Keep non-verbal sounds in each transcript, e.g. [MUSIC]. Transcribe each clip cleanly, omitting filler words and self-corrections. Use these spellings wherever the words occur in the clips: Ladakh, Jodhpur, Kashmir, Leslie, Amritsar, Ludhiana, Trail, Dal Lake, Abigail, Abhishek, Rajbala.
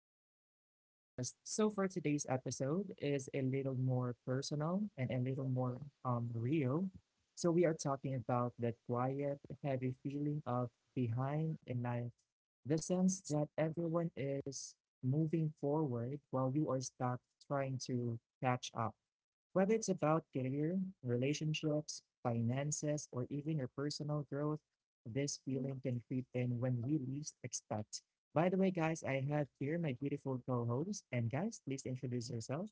back to our podcast. So for today's episode is a little more personal and a little more real. So we are talking about that quiet, heavy feeling of behind in life. The sense that everyone is moving forward while you are stuck trying to catch up. Whether it's about career, relationships, finances, or even your personal growth, this feeling can creep in when we least expect. By the way, guys, I have here my beautiful co host. And guys, please introduce yourself.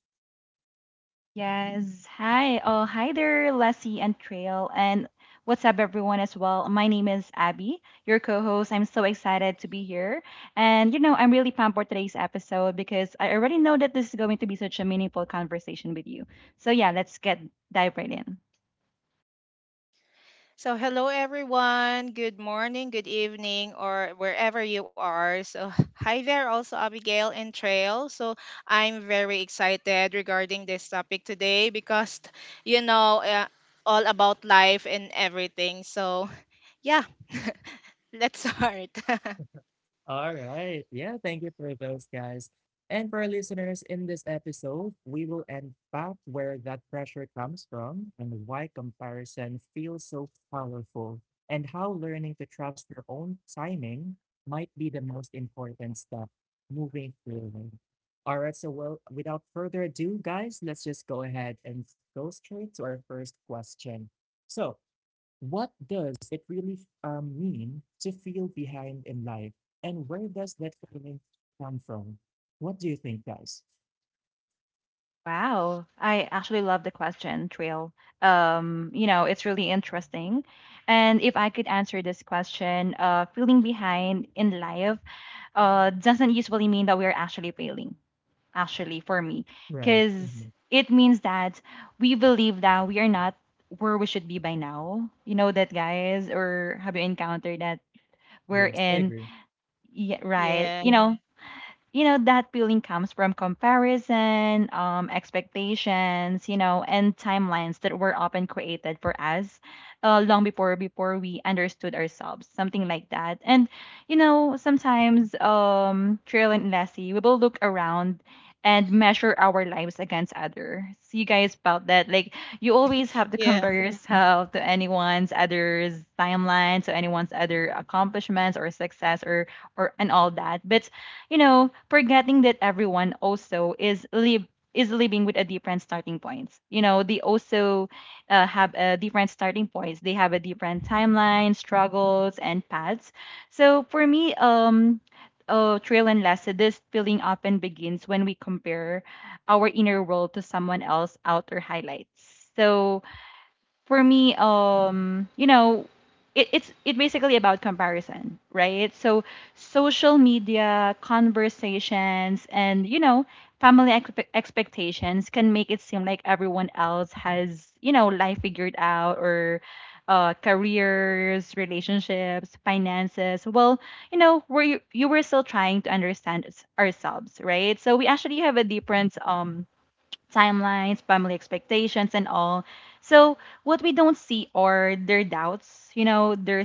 Yes. Hi. Oh, hi there, Leslie and Trail. And what's up, everyone, as well? My name is Abby, your co host. I'm so excited to be here. And, you know, I'm really pumped for today's episode because I already know that this is going to be such a meaningful conversation with you. So, yeah, let's get dive right in. So, hello everyone. Good morning, good evening, or wherever you are. So, [LAUGHS] hi there, also Abigail and Trail. So, I'm very excited regarding this topic today because, you know, uh, all about life and everything. So, [LAUGHS] yeah, let's start. [LAUGHS] All right. Yeah, thank you for those guys. And for our listeners, in this episode, we will unpack where that pressure comes from and why comparison feels so powerful, and how learning to trust your own timing might be the most important step moving forward. All right. So, well, without further ado, guys, let's just go ahead and go straight to our first question. So, what does it really mean to feel behind in life? And where does that feeling come from? What do you think, guys? Wow. I actually love the question, Trail. You know, it's really interesting. And if I could answer this question, feeling behind in life doesn't usually mean that we're actually failing actually for me Right. because Mhm. it means that we believe that we are not where we should be by now. You know that, guys? Or have you encountered that we're Yes, I in agree. yeah, right, Yeah, you know? You know that feeling comes from comparison, expectations, you know, and timelines that were often created for us long before we understood ourselves, something like that. And you know, sometimes, Trill and Lassie, we will look around and measure our lives against others. You guys felt that? Like you always have to yeah, compare yourself to anyone's others timeline, to anyone's other accomplishments or success or and all that. But you know, forgetting that everyone also is live is living with a different starting points. You know, they also have a different starting points. They have a different timeline, struggles, and paths. So for me, Trail and Lessa, this feeling often begins when we compare our inner world to someone else's outer highlights. So for me, you know, it basically about comparison, right? So social media conversations and you know family expectations can make it seem like everyone else has you know life figured out or careers, relationships, finances. Well, you know, we're you were still trying to understand ourselves, right? So we actually have a different timelines, family expectations, and all. So, what we don't see are their doubts, you know, their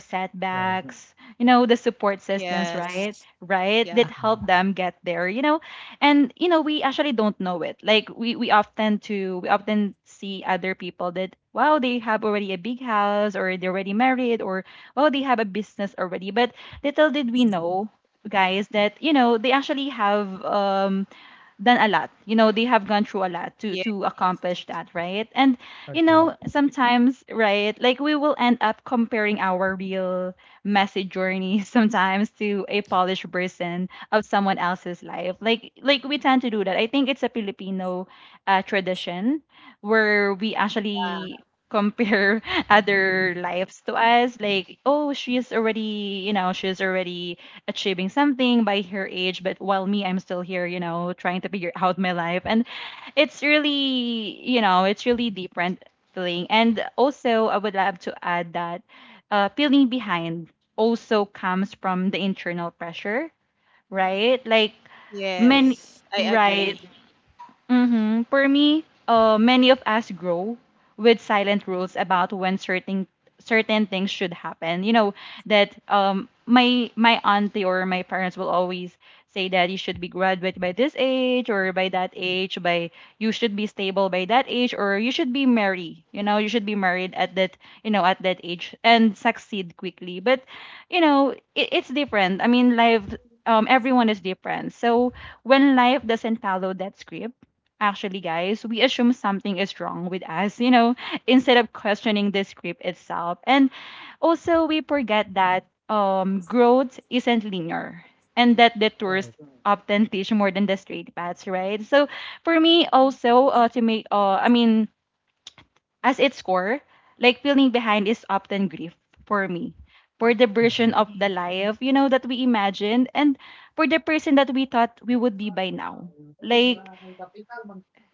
Right. setbacks, you know, the support systems, right? yes, Right? yeah, That Hmm. help them get there, you know. And, you know, we actually don't know it. Like, we often see other people that, wow, they have already a big house or they're already married or, oh, they have a business already. But little did we know, guys, that you know they actually have done a lot. You know, they have gone through a lot to yeah, accomplish that, right? And you Agree. know, sometimes, right, like we will end up comparing our real messy journey [LAUGHS] sometimes to a polished version of someone else's life. Like we tend to do that. I think it's a Filipino tradition where we actually compare [LAUGHS] other lives to us like oh she is already you know she is already achieving something by her age but while me I'm still here you know trying to figure out my life. And it's really you know it's really different feeling. And also I would love to add that feeling behind also comes from the internal pressure, right? Like many yes, I agree. right. Mm-hmm. For me, many of us grow with silent rules about when certain certain things should happen. You know that my auntie or my parents will always say that you should be graduate by this age or by that age by you should be stable by that age or you should be married, you know, you should be married at that, you know, at that age and succeed quickly. But you know it's different. I mean life, everyone is different. So when life doesn't follow that script, actually, guys, we assume something is wrong with us, you know, instead of questioning the script itself. And also, we forget that growth isn't linear and that the tours Right. often teach more than the straight paths, right? So, for me, also, I mean, as its core, like feeling behind is often grief for me. For the version Mhm. of the Mm. life, you know, that we imagined, and for the person that we thought we would be by now. Like,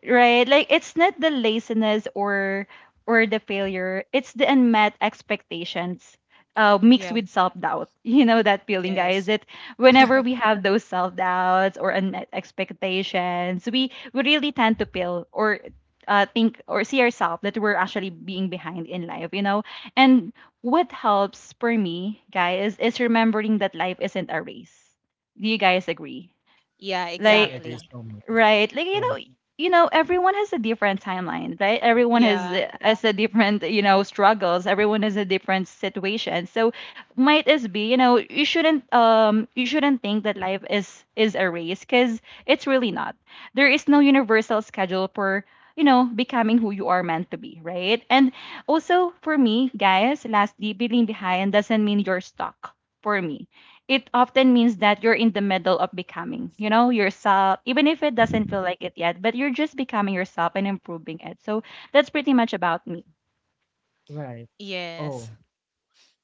right, like it's not the laziness or the failure, it's the unmet expectations mixed Yeah, with self-doubt. [LAUGHS] You know that feeling, guys, yes, that whenever we have those self-doubts or unmet expectations we really tend to feel or think or see ourselves that we're actually being behind in life, you know. And what helps for me, guys, is remembering that life isn't a race. Do you guys agree? yeah, Yeah. I Like agree exactly. so much. right. Like Right. You know, everyone has a different timeline, right? Everyone Yeah, has a different, you know, struggles. Everyone has a different situation. So might as be, you know, you shouldn't think that life is a race because it's really not. There is no universal schedule for you know becoming who you are meant to be, right? And also for me, guys, lastly, being behind doesn't mean you're stuck. For me, it often means that you're in the middle of becoming, you know, yourself, even if it doesn't feel like it yet, but you're just becoming yourself and improving it. So that's pretty much about me. Right. Oh, yes.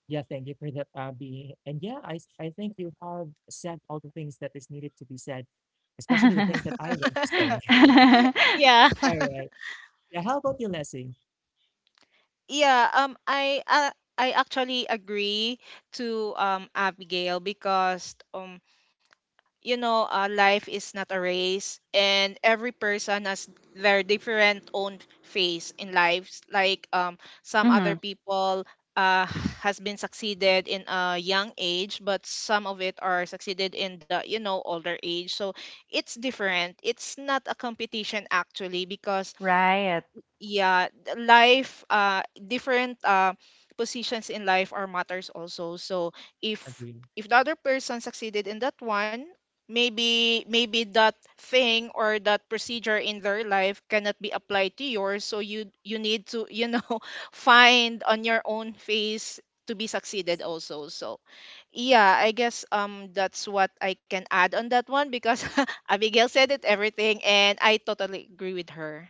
yeah, thank you for that, Abby. And yeah, I think you have said all the things that is needed to be said, especially the things [LAUGHS] that I want to say. [LAUGHS] [LAUGHS] Yeah, All right. Yeah, how about you, Leslie? yeah, I actually agree to Abigail, because life is not a race, and every person has their different own phase in lives, like some Hmm. other people uh has been succeeded in a young age, but some of it are succeeded in the older age. So it's different, it's not a competition actually, because Right. yeah, life, different, positions in life are matters also. So if, Agree. The other person succeeded in that one, maybe that thing or that procedure in their life cannot be applied to yours, so you need to, [LAUGHS] find on your own face to be succeeded also. So yeah, I guess that's what I can add on that one, because [LAUGHS] Abigail said it everything and I totally agree with her.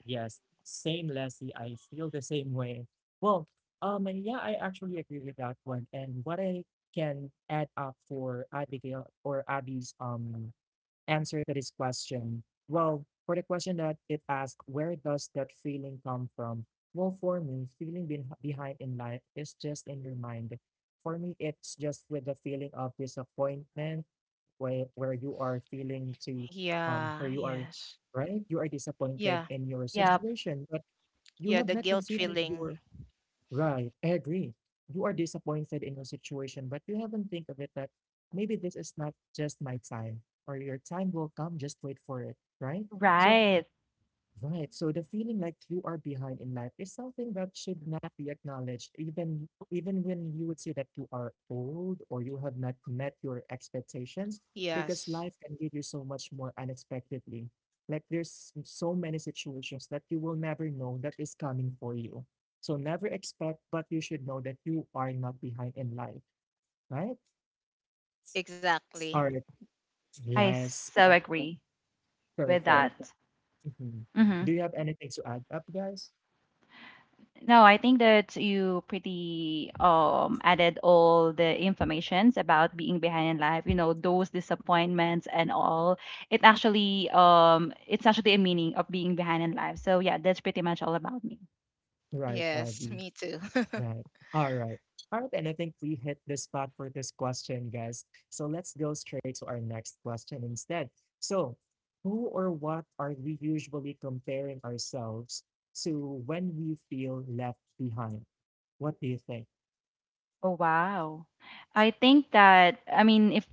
Yes. Same, Leslie. I feel the same way. Well, and yeah, I actually agree with that one. And what I can add up for Abigail or Abby's answer to this question. Well, for the question that it asked, where does that feeling come from? Well, for me, feeling been behind in life is just in your mind. For me, it's just with the feeling of disappointment where you are feeling to, where Yeah, you are. yes. Right, you are disappointed Yeah, in your Yep. situation, but you yeah, have the not guilt considered feeling. your. Right, I agree, you are disappointed in your situation, but you haven't think of it that maybe this is not just my time, or your time will come, just wait for it. Right. So, Right. right. So the feeling like you are behind in life is something that should not be acknowledged, even when you would say that you are old or you have not met your expectations, because Yes, life can give you so much more unexpectedly. Like there's so many situations that you will never know that is coming for you. So never expect, but you should know that you are not behind in life, right? exactly. All right. I Yes. so agree with Perfect. that. Mhm. Mhm. Do you have anything to add up, guys? No, I think that you pretty added all the informations about being behind in life, you know, those disappointments and all. It actually it's actually a meaning of being behind in life. So yeah, that's pretty much all about me. Right, Yes, Abby. me too. [LAUGHS] Right. All right. All right. And I think we hit the spot for this question, guys. So let's go straight to our next question instead. So, who or what are we usually comparing ourselves to when we feel left behind? What do you think? Oh wow. I think that I mean if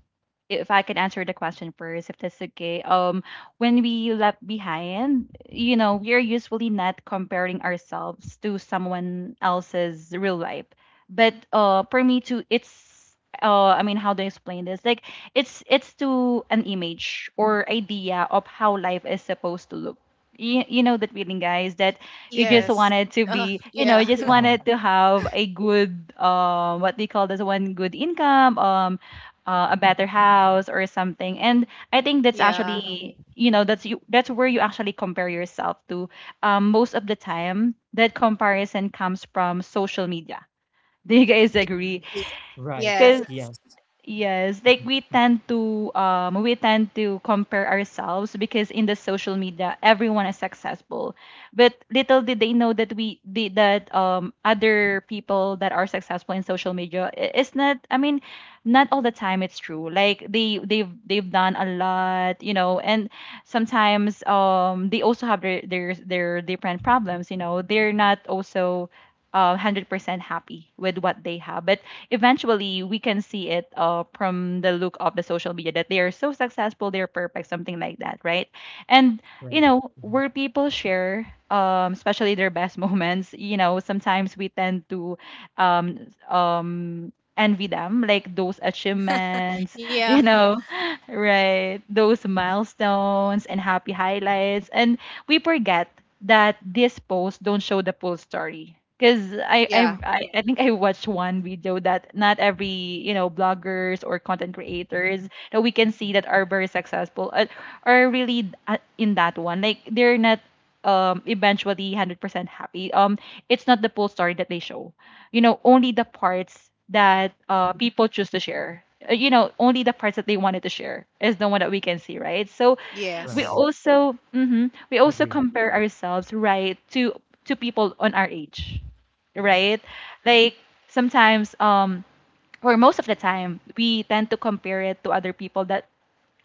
if I could answer the question first, if that's okay. When we left behind, you know, we're usually not comparing ourselves to someone else's real life. But for me too, it's I mean how do I explain this? Like it's to an image or idea of how life is supposed to look. You know that feeling, guys, that you just Right. Yes. wanted to Uh, be, you know, you yeah, just Uh [LAUGHS] huh. wanted to have a good what do you call this one, good income, a better house or something. And I think that's yeah. actually you know that's you that's where you actually compare yourself to. Most of the time that comparison comes from social media. [LAUGHS] Do you guys agree? Ye- Right. Yes. Because Yes. yes, like Mhm. we tend to compare ourselves because in the social media everyone is successful. But little did they know that we did that other people that are successful in social media it's not, I mean, not all the time it's true. Like they've done a lot, you know, and sometimes they also have their different problems, you know. They're not also 100% happy with what they have. But eventually, we can see it from the look of the social media that they are so successful, they're perfect, something like that, right? And, you Right. know, Mhm. where people share, especially their best [LAUGHS] moments, you know, sometimes we tend to envy them, like those achievements, [LAUGHS] Yeah, you know, right? Those milestones and happy highlights. And we forget that this post don't show the full story. Because I, I yeah, I I think I watched one video that not every you know bloggers or content creators that we can see that are very successful are really in that one, like they're not eventually 100% happy. It's not the full story that they show, you know, only the parts that people choose to share. You know, only the parts that they wanted to share is the one that we can see, right? So we yes, Right. also mhm, Agree. we also compare ourselves, right, to people on our age, right? Like sometimes or most of the time we tend to compare it to other people that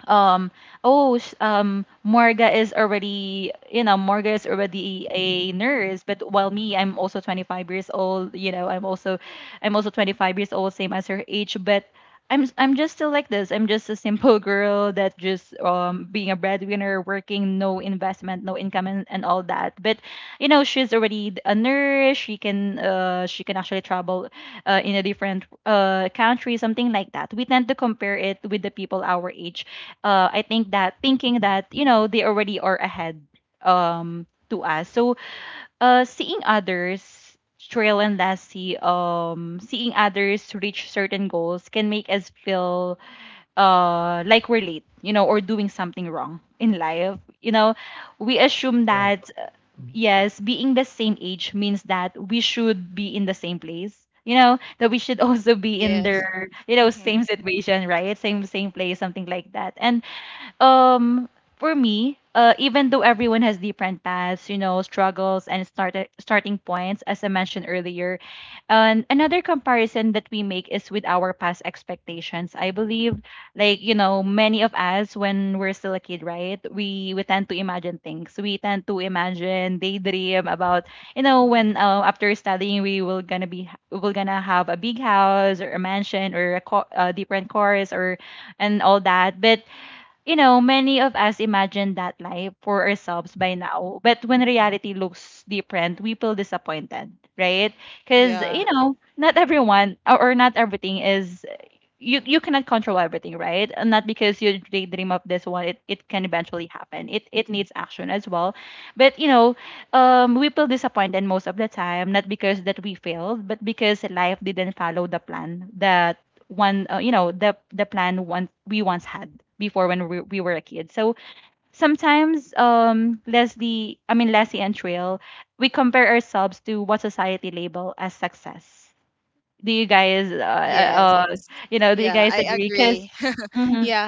um Morga is already, you know, Morga is already a nurse, but while me I'm also 25 years old, you know, I'm also 25 years old, same as her age. But I'm just still like this. I'm just a simple [LAUGHS] girl that just being a breadwinner working, no investment, no income, and all that. But you know, she's already a nurse. She can actually travel in a different country, something like that. We tend to compare it with the people our age. I think that thinking that you know they already are ahead to us. So seeing others Trail and Lassie, seeing others reach certain goals can make us feel like we're late, you know, or doing something wrong in life. You know, we assume Right. that Mhm. yes, being the same age means that we should be in the same place. You know, that we should [LAUGHS] also be in yes. their, you know, Hmm. same situation, right? Same place, something like that. And um for me, even though everyone has different paths, you know, struggles and starting points, as I mentioned earlier. And another comparison that we make is with our past expectations, I believe. Like, you know, many of us, when we're still a kid, right, we tend to imagine things, we tend to imagine, daydream about, you know, when, after studying, we're gonna have a big house or a mansion or a different course, or and all that. But you know, many of us imagine that life for ourselves by now, but when reality looks different, we feel disappointed, right? Because, Yeah, you know, not everyone or not everything is, you cannot control everything, right? And not because you daydream of this one, it can eventually happen. It needs action as well. But you know, we feel disappointed most of the time, not because that we failed, but because life didn't follow the plan that one, you know, the plan one we once had before when we were a kid. So sometimes, Leslie, I mean Leslie and Trail, we compare ourselves to what society label as success. Do you guys, yes. You know, do you Yeah, guys I agree? Yes. agree. Because, [LAUGHS] Mhm. Yeah.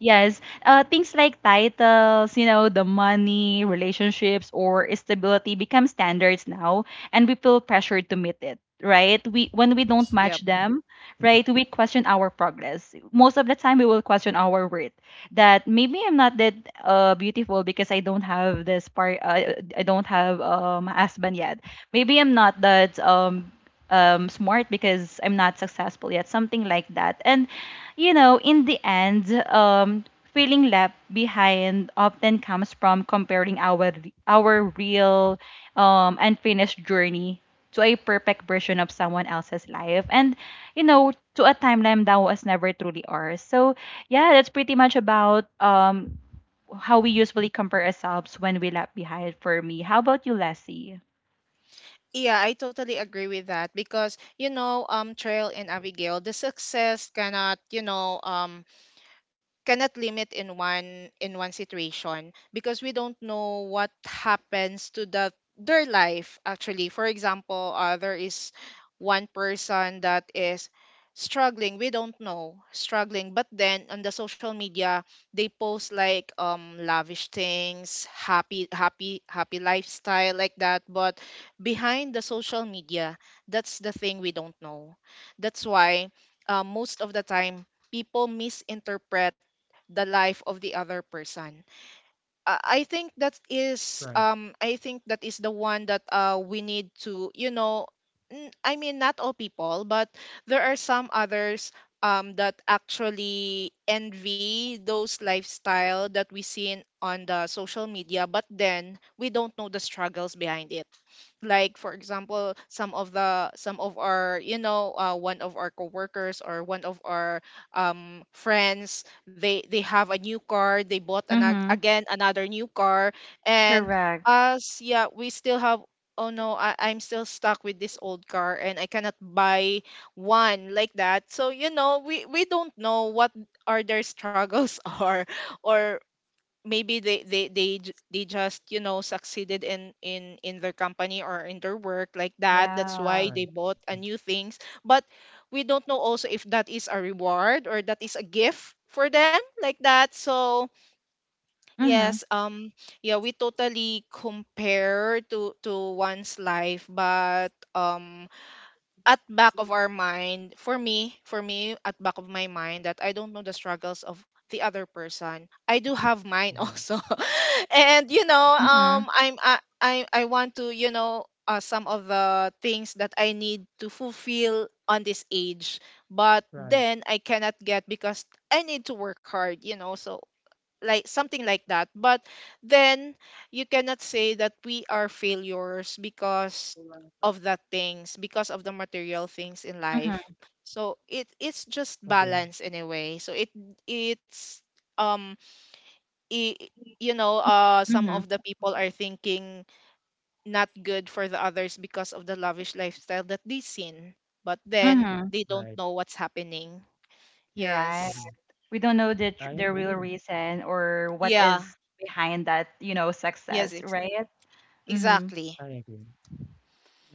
yes, things like Yes, so much. titles, you know, the Mhm. money, relationships, or stability become standards now, and we feel pressured to meet it, right? We When we don't Yep. match them, right, we question our progress. Most of the time, we will question our worth. That maybe I'm not that beautiful because I don't have this part. I don't have husband yet. Maybe I'm not that smart because I'm not successful yet, something like that. And, you know, in the end, feeling left behind often comes from comparing our real, unfinished journey to a perfect version of someone else's life, and, you know, to a timeline that was never truly ours. So yeah, that's pretty much about, how we usually compare ourselves when we left behind. For me, how about you, Leslie? Yeah, I totally agree with that, because Trail and Abigail, the success cannot, you know, cannot limit in one situation, because we don't know what happens to their life actually. For example, there is one person that is struggling, we don't know struggling, but then on the social media they post like lavish things, happy, happy, happy lifestyle, like that. But behind the social media, that's the thing we don't know. That's why, most of the time, people misinterpret the life of the other person. Right. I think that is the one that we need to, I mean, not all people, but there are some others that actually envy those lifestyle that we seen on the social media, but then we don't know the struggles behind it. Like, for example, some of our one of our coworkers, or one of our friends. They have a new car, they bought Mm-hmm. again another new car, and Correct. us, yeah, we still have, oh no, I'm still stuck with this old car and I cannot buy one like that. So we don't know what are their struggles [LAUGHS] are. Or maybe they just succeeded in their company or in their work, like that. That's Yeah. why Right. they bought a Mhm. new things. But we don't know also if that is a reward or that is a gift for them, like that. So Mhm, yes, yeah, we totally compare to one's life. But at back of our mind, for me at back of my mind, that I don't know the struggles of the other person. I do have mine [LAUGHS] Mhm. also. And mhm, I want to, some of the things that I need to fulfill on this age, but Right. then I cannot get, because I need to work hard, so, like, something like that. But then you cannot say that we are failures because of that things, because of the material things in mhm, life. So it's just Agree. balance anyway. So it it's um I you know some of mhm, the people are thinking not good for the others because of the lavish lifestyle that they seen, but then mhm. they don't Right. know what's happening. You're right. Yes, Mhm. We don't know the I the real agree. reason or what yeah, is behind that, you know, yes, success, right? Mhm. exactly, I agree.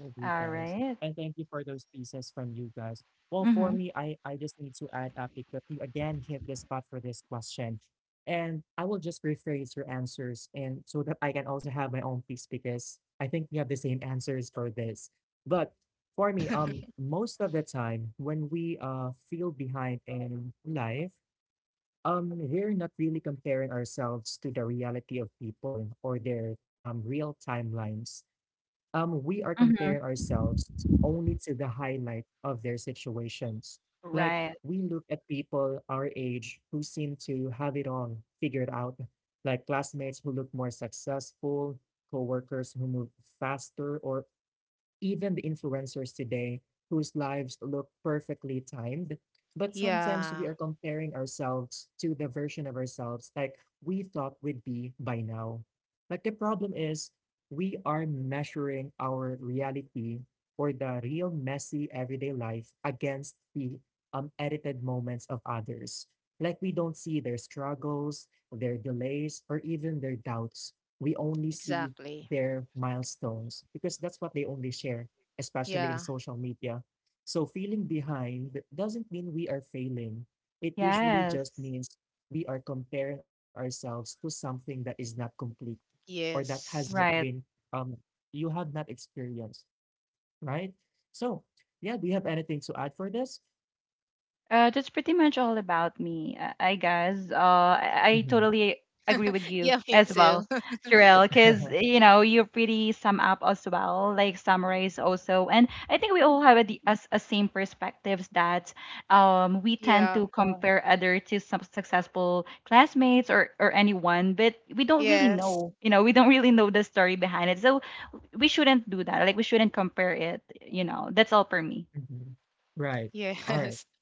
I agree, All guys. right. And thank you for those pieces from you guys. Well, for Mhm. me, I just need to add up because you again hit the spot for this question. And I will just rephrase your answers and so that I can also have my own piece because I think we have the same answers for this. But for me, most of the time when we feel behind in life, we're not really comparing ourselves to the reality of people or their real timelines, we are Mhm. comparing ourselves only to the highlight of their situations, like Right. we look at people our age who seem to have it all figured out, like classmates who look more successful, coworkers who move faster, or even the influencers today whose lives look perfectly timed. But sometimes we yeah. are comparing ourselves to the version of ourselves, like we thought we'd be by now. Like the problem is, we are measuring our reality or the real messy everyday life against the edited moments of others. Like we don't see their struggles, their delays, or even their doubts. We only see Exactly. their milestones because that's what they only share, especially in Yeah. social media. So feeling behind doesn't mean we are failing. It usually just Yes. means we are comparing ourselves to something that is not complete or that has not Yes. Right. been, um you have not experienced, right? So yeah, do you have anything to add for this? That's pretty much all about me, I guess. I Mhm. totally agree with [LAUGHS] you Yeah, me as well, too. Sherelle, because [LAUGHS] you know you pretty sum up as well, like summarize also, and I think we all have a, the- a, s- a same perspectives that we [LAUGHS] tend to, Yeah. yeah, compare other to some successful classmates, or anyone, but we don't really Yes. know, you know, we don't really know the story behind it, so we shouldn't do that. Like we shouldn't compare it, you know. That's all for me. Mhm. Right. All right. Yes.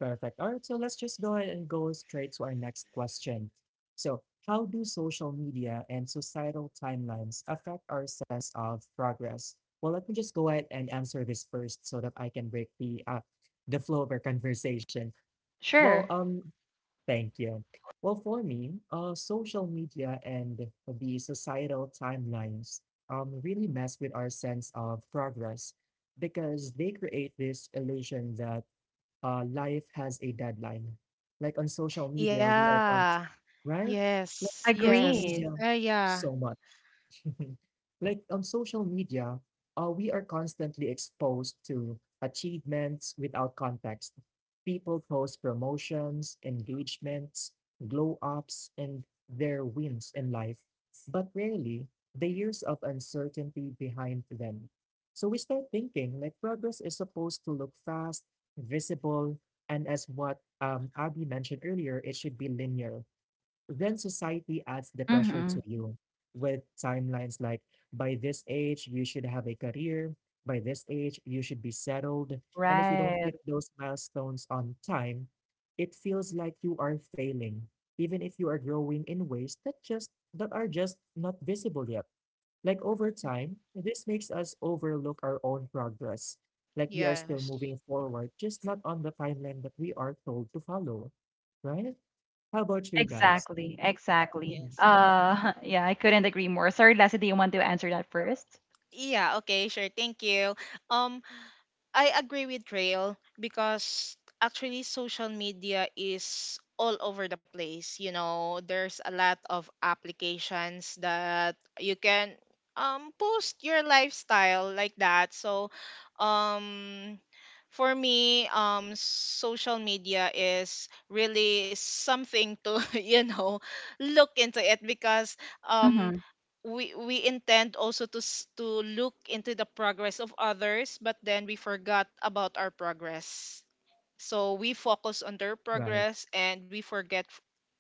Perfect. All right, so let's just go ahead and go straight to our next question. So, how do social media and societal timelines affect our sense of progress? Well, let me just go ahead and answer this first so that I can break the the flow of our conversation. Well, Sure, thank you. Well, for me, social media and the societal timelines really mess with our sense of progress because they create this illusion that, life has a deadline. Like on social [LAUGHS] media, we are constantly, Yeah. right? Like Yes. social Yes. agree. media, Yeah. so much. [LAUGHS] Like on social media, we are constantly exposed to achievements without context. People post promotions, engagements, glow ups, and their wins in life, but rarely the years of uncertainty behind them. So we start thinking like progress is supposed to look fast, visible, and as what Abby mentioned earlier, it should be linear. Then society adds the pressure to Mhm. you with timelines like, by this age, you should have a career. By this age, you should be settled. And if you don't Right. hit those milestones on time, it feels like you are failing, even if you are growing in ways that are just not visible yet. Like over time, this makes us overlook our own progress. Like we are still Yes. moving forward, just not on the timeline that we are told to follow, right? How about you guys? Exactly. Exactly. Mhm. Yes. [LAUGHS] Yeah, I couldn't agree more. Sorry, Lassie, do you want to answer that first? Yeah, okay, sure. Thank you. Um, I agree with Rail, because actually social media is all over the place. There's a lot of applications that you can post your lifestyle, like that. So, um for me, social media is really something to [LAUGHS] look into it, because Mhm. We intend also to look into the progress of others, but then we forgot about our progress. So we focus on their Right, progress, and we forget,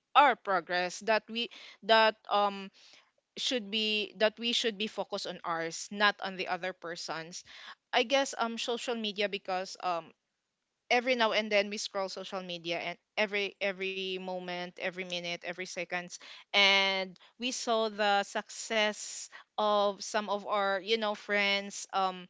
our progress, that we that should be that we should be focused on ours, not on the other person's. I guess social media, because every now and then we scroll social media, and every moment, every minute, every seconds, and we saw the success of some of our friends,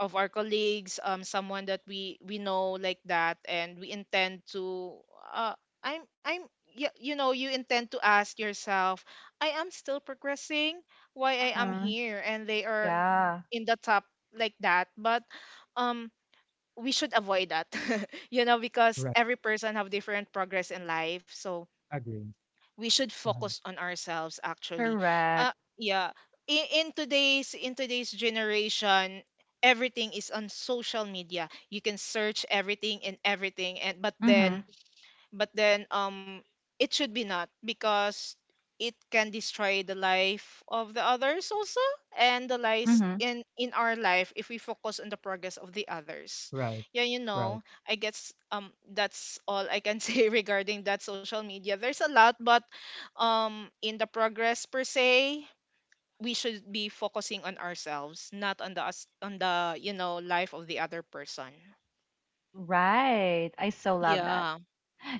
of our colleagues, someone that we know, like that. And we intend to uh I'm you, you know you intend to ask yourself, I am still progressing, why I am Mhm. here and they are Yeah, in the top, like that. But um we should avoid that, [LAUGHS] you know, because right, every person have different progress in life. So agree. we should Uh-huh. focus on ourselves, actually. uh correct. yeah in today's generation, everything is on social media, you can search everything and everything, and Mhm. But then it should be not, because it can destroy the life of the others also, and the lives Mhm. In our life if we focus on the progress of the others. Right, Yeah, right, I guess that's all I can [LAUGHS] say regarding that social media, there's a lot. But in the progress per se, we should be focusing on ourselves, not on the life of the other person. Right. I so love that. Yeah,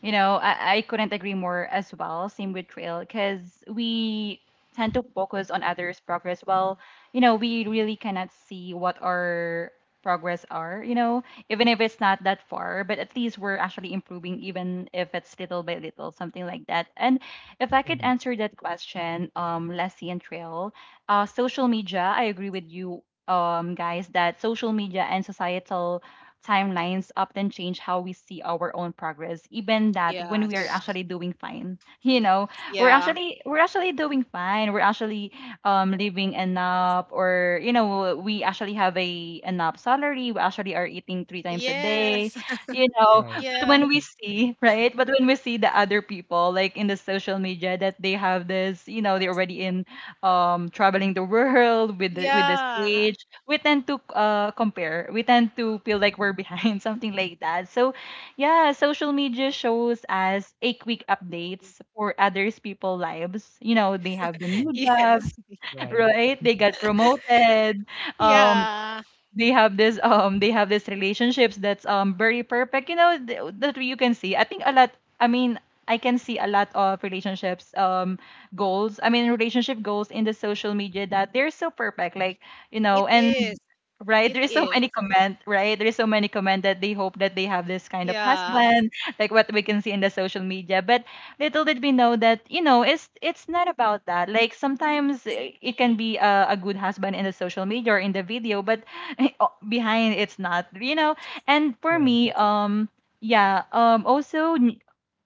You know, I couldn't agree more as well. Same with Trail, because we tend to focus on others' progress. Well, you know, we really cannot see what our progress are, you know, even if it's not that far, but at least we're actually improving, even if it's little by little, something like that. And if I could mhm, answer that question, Leslie and Trail, social media, I agree with you. Guys, that social media and societal timelines often change how we see our own progress, even that when we are yes, actually doing fine. [LAUGHS] You know, yeah. We're actually doing fine. We're actually living enough, or you know, we actually have a enough salary. We actually are eating three times a day. Yes. You know, right. but when Yeah. we Mhm. see [LAUGHS] right, but when we see the other people like in the social media that they have this, you know, they're already in, traveling the world with the Yeah. stage, [LAUGHS] we tend to compare, we tend to feel like we're behind, [LAUGHS] something like that. So yeah, social media shows us a quick updates for others people lives. You know, they have the Mhm. new jobs, Yes. [LAUGHS] Right, right, they got promoted, um Yeah. they have this, they have this relationships that's, very perfect, you know, that you can see. I think a lot, I mean, I can see a lot of relationships, goals, I mean relationship goals in the social media, that they're so perfect. Like, you know, It and is. right, It is. There's so many comment that they hope that they have this kind of Yeah. husband, like what we can see in the social media. But little did we know that, you know, it's not about that. Like sometimes, it can be a good husband in the social media or in the video, but [LAUGHS] behind it's not, you know. And for right, me, yeah um also n-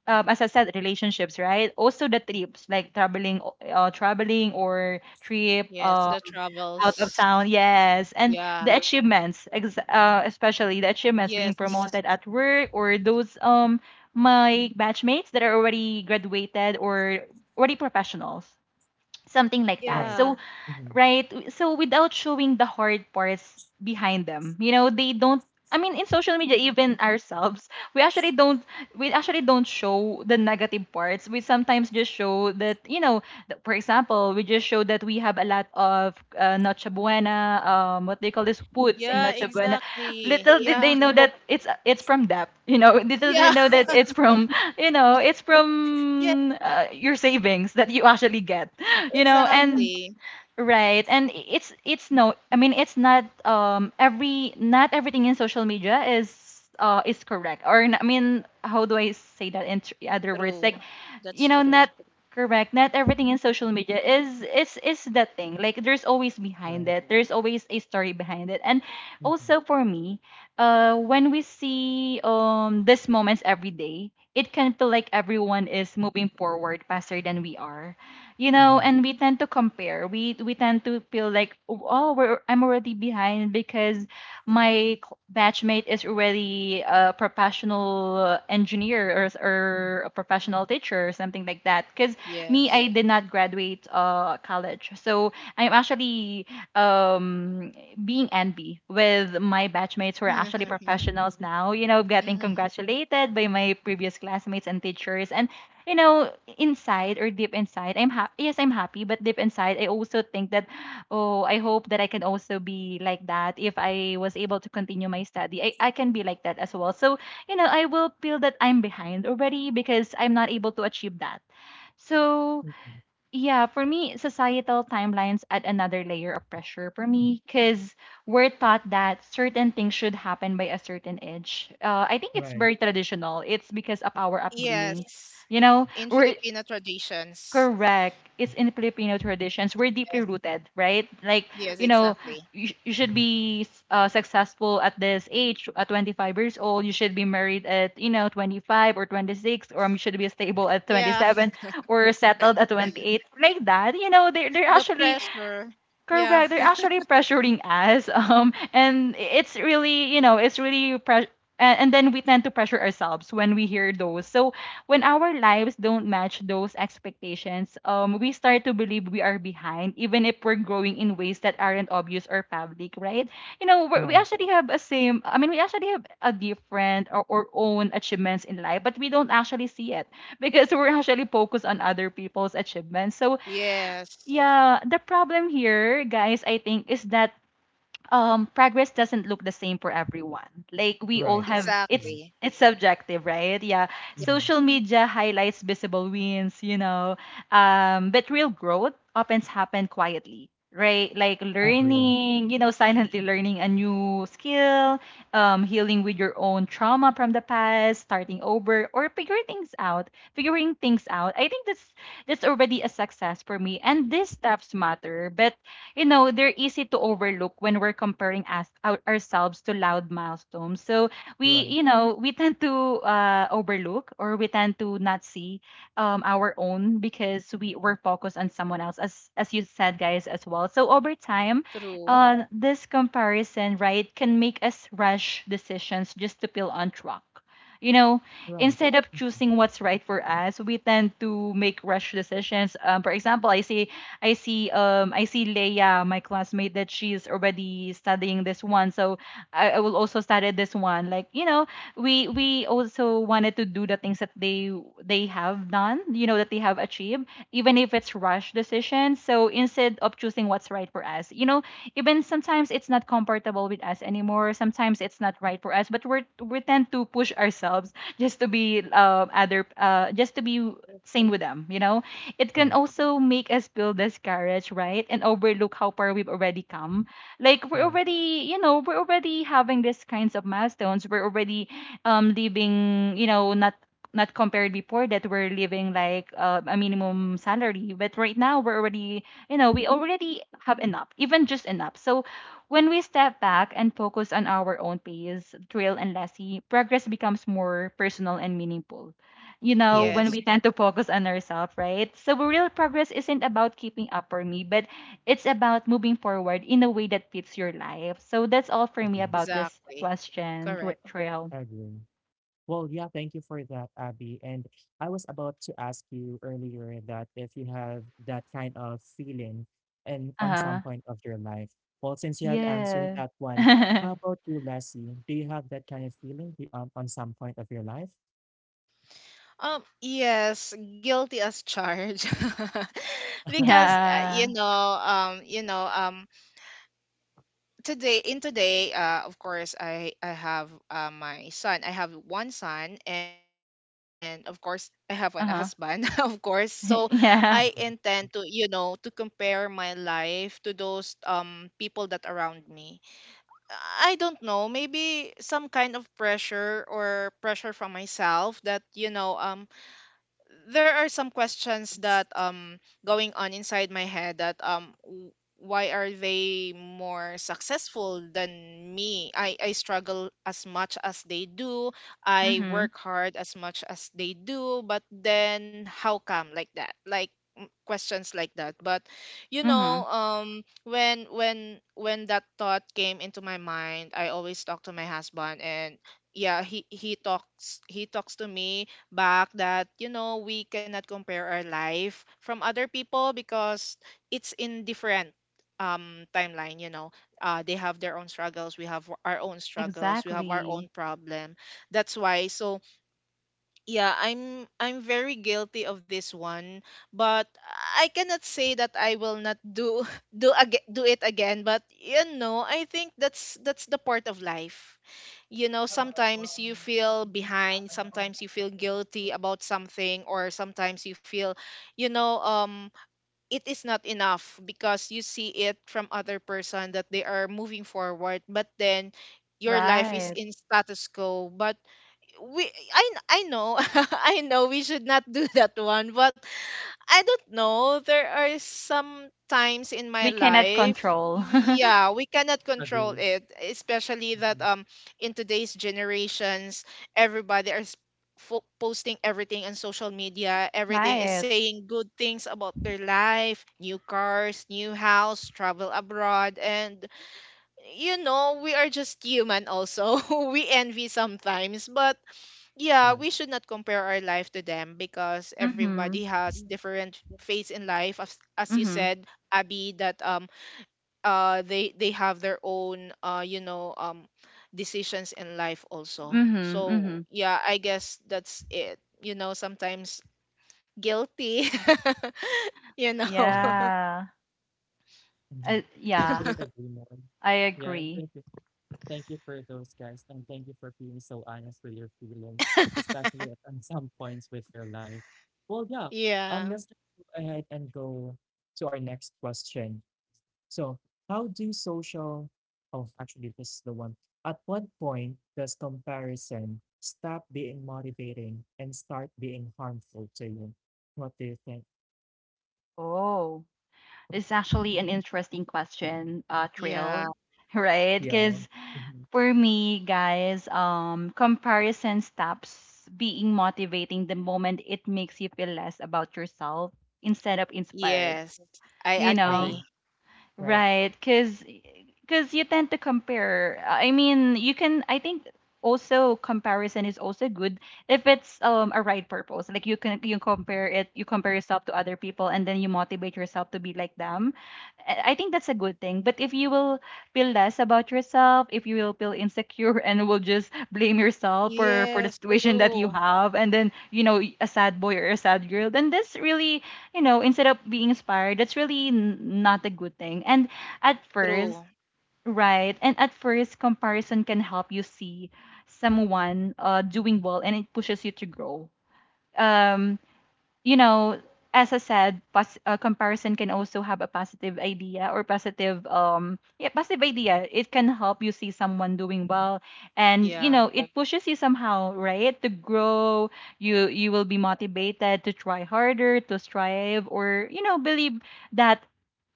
as I said, relationships, right, also the trips, like traveling, traveling or trip, Yes, the out of travels. town, yes, and Yeah. the achievements, especially the achievements, being Yes. promoted at work, or those my batchmates that are already graduated or already professionals, something like right, that. Yeah. So mhm, right? So without showing the hard parts behind them, you know, they don't. I mean, in social media, even ourselves, we actually don't, show the negative parts. We sometimes just show that, you know, for example, we just show that we have a lot of, Noche Buena, what they call this foods in Yeah, Noche Buena. exactly. Little did they Yeah. know [LAUGHS] that it's from debt. You know. [LAUGHS] Little did they Yeah. know that it's from, you know, it's Yeah, from, your savings that you actually get. [LAUGHS] You know, and exactly. right. And it's no I mean it's not, every, not everything in social media is, is correct, or I mean, how do I say that in other words, True. like, That's you know, true. not correct, not everything in social media is that thing. Like there's always behind right, it, there's always a story behind it. And mhm, also for me, when we see, these moments every day, it can feel like everyone is moving forward faster than we are, you know. mhm, And we tend to compare, we tend to feel like, oh, I'm already behind because my batchmate is already a professional engineer, or or a professional teacher, or something like that. Because me, Yes. I did not graduate, college. So I'm actually, um, being envy with my batchmates who are actually [LAUGHS] professionals now, you know, getting Hmm. congratulated by my previous classmates and teachers. And you know, inside or deep inside, I'm happy. Yes, I'm happy, but deep inside, I also think that, oh, I hope that I can also be like that. If I was able to continue my study, I can be like that as well. So, you know, I will feel that I'm behind already because I'm not able to achieve that. So, mhm, yeah, for me, societal timelines add another layer of pressure for mhm. me because we're taught that certain things should happen by a certain age. I think it's Right, very traditional. It's because of our upbringing. Yes. You know, In we're. Filipino traditions. Correct. It's in Filipino traditions. We're deeply rooted, right? Like, Yes, you know, exactly. You should mhm, be, successful at this age, at 25 years old. You should be married at, you know, 25 or 26, or you should be stable at Yeah. 27 [LAUGHS] or settled at 28. Like that, you know, they're The actually. pressure. Yeah. Correct. They're [LAUGHS] actually pressuring us. [LAUGHS] And it's really, you know, it's really press. And then we tend to pressure ourselves when we hear those. So when our lives don't match those expectations, we start to believe we are behind, even if we're growing in ways that aren't obvious or public, right? You know, we right, actually have a same. I mean, we actually have a different, or own achievements in life, but we don't actually see it because we're actually focused on other people's achievements. So, Yes. yeah, the problem here, guys, I think is that progress doesn't look the same for everyone. Like, we all right. have Agree. Exactly. it's subjective, right? Yeah, Mhm. social media highlights visible wins, you know. But real growth often happens quietly, right? Like Agree. learning, you know, silently learning a new skill. Healing with your own trauma from the past, starting over, or figuring things out, I think that's already a success for me, and these steps matter. But they're easy to overlook when we're comparing ourselves to loud milestones. So we, Right, we tend to overlook, or we tend to not see our own because we were focused on someone else, as you said, guys, as well. So over time, True. This comparison, right, can make us rush decisions just to feel on track, you know, right, instead of mhm, choosing what's right for us. We tend to make rash decisions. For example, I see Leia, my classmate, that she's already studying this one, so I will also study this one. Like, you know, we also wanted to do the things that they have done, you know, that they have achieved, even if it's rushed decisions. So instead of choosing what's right for us, you know, even sometimes it's not comfortable with us anymore. Sometimes it's not right for us, but we tend to push ourselves just to be other just to be same with them, you know. It can right, also make us feel discouraged, right, and overlook how far we've already come. Like we're right, already, you know, we're already having these kinds of milestones. We're already living, you know, not compared before, that we're living like a minimum salary, but right now we're already, you know, we already have enough, even just enough. So when we step back and focus on our own pace, Trail and Lassie, progress becomes more personal and meaningful, you know, right. when we Yes, tend to focus on ourselves, right? So real progress isn't about keeping up, for me, but it's about moving forward in a way that fits your life. So that's all for me Agree, about this exactly. question, Correct. Trail. agree. Well, yeah, thank you for that, Abby. And I was about to ask you earlier that if you have that kind of feeling and on some Uh-huh. point of your life. Well, since you have answered Yeah. that one, [LAUGHS] how about you, Lassie? Do you have that kind of feeling on some point of your life? Yes, guilty as charged. [LAUGHS] [LAUGHS] Because, Yeah. Um, you know, um, today, of course, I have my son. I have one son, and, of course, I have an husband, [LAUGHS] of Uh-huh. course. So I [LAUGHS] Yeah. intend to, Mhm. Compare my life to those people that around me. I don't know, maybe some kind of pressure, or pressure from myself, that, there are some questions that going on inside my head, that why are they more successful than me. I struggle as much as they do, I Mm-hmm. work hard as much as they do, but then how come, like that, like, questions like that. But Mm-hmm. When that thought came into my mind, I always talk to my husband. And yeah, he talks to me back, that we cannot compare our life from other people, because it's in different timeline, they have their own struggles, we have our own struggles, we have our Exactly. own problem. That's why. So yeah, I'm very guilty of this one. But I cannot say that I will not do [LAUGHS] do it again. But I think that's the part of life. Sometimes you feel behind, sometimes you feel guilty about something, or sometimes you feel, you know, um, it is not enough because you see it from other person that they are moving forward, but then your life is Right. in status quo. But we, I know, [LAUGHS] I know we should not do that one. But I don't know, there are some times in my We cannot life. control. [LAUGHS] Yeah, we cannot control Agree. it, especially that Mhm. In today's generations, everybody is posting everything on social media. Everything is Right. saying good things about their life, new cars, new house, travel abroad, and, we are just human also. [LAUGHS] We envy sometimes. But yeah, Right, we should not compare our life to them, because everybody Mm-hmm. has different phase in life. As you Mm-hmm. said, Abby, that they have their own decisions in life also. Mm-hmm. So Mm-hmm. yeah, I guess that's it. Sometimes guilty. [LAUGHS] you know. [LAUGHS] right. Yeah. Mhm. I Yeah, couldn't agree more. I Yeah, agree. thank you. Thank you for those guys, and thank you for being so honest with your feelings, especially at on some points with your life. Well, yeah. Um, Yeah. let's just go ahead and go to our next question. So, how do social? Oh, actually, this is the one. At what point does comparison stop being motivating and start being harmful to you? What do you think? Oh, it's actually an interesting question, Yeah. Trail, [LAUGHS] right? Yeah. Because Mhm. for me, guys, comparison stops being motivating the moment it makes you feel less about yourself instead of inspired. Yes. I You know, Agree. agree. Right. right? Because you tend to compare. I mean, you can. I think also comparison is also good if it's a right purpose. Like you can you compare it, you compare yourself to other people, and then you motivate yourself to be like them. I think that's a good thing. But if you will feel less about yourself, if you will feel insecure [LAUGHS] and will just blame yourself for the Yes. situation that you True. have, and then, you know, a sad boy or a sad girl, then this really, instead of being inspired, that's really not a good thing. And at first, True. right, and at first, comparison can help you see someone doing well, and it pushes you to grow. Um, you know, as I said, comparison can also have a positive idea, or positive, yeah, positive idea. It can help you see someone doing well, and, you Yeah. know, it pushes you somehow, right, to grow. You will be motivated to try harder, to strive, or, you know, believe that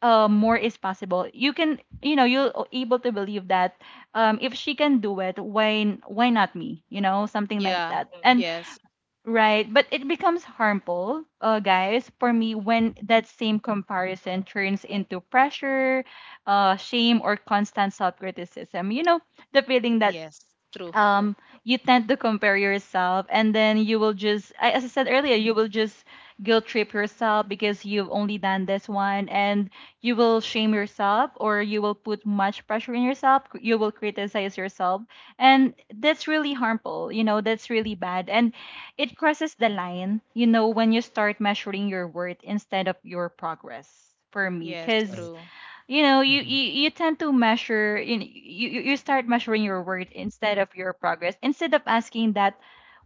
more is possible. You can, you know, able to believe that if she can do it, why not me? You know, something like Yeah. that. And Yes. right, but it becomes harmful, guys, for me, when that same comparison turns into pressure, shame, or constant self criticism. You know, the feeling that Yes. True. um you tend to compare yourself, and then you will just, as I said earlier, you will just guilt trip yourself because you've only done this one. And you will shame yourself, or you will put much pressure on yourself, you will criticize yourself, and that's really harmful, you know, that's really bad. And it crosses the line, you know, when you start measuring your worth instead of your progress, for me, Yes, Right. because true. you know Hmm. You tend to measure, you know, you start measuring your worth instead of your progress, instead of asking that,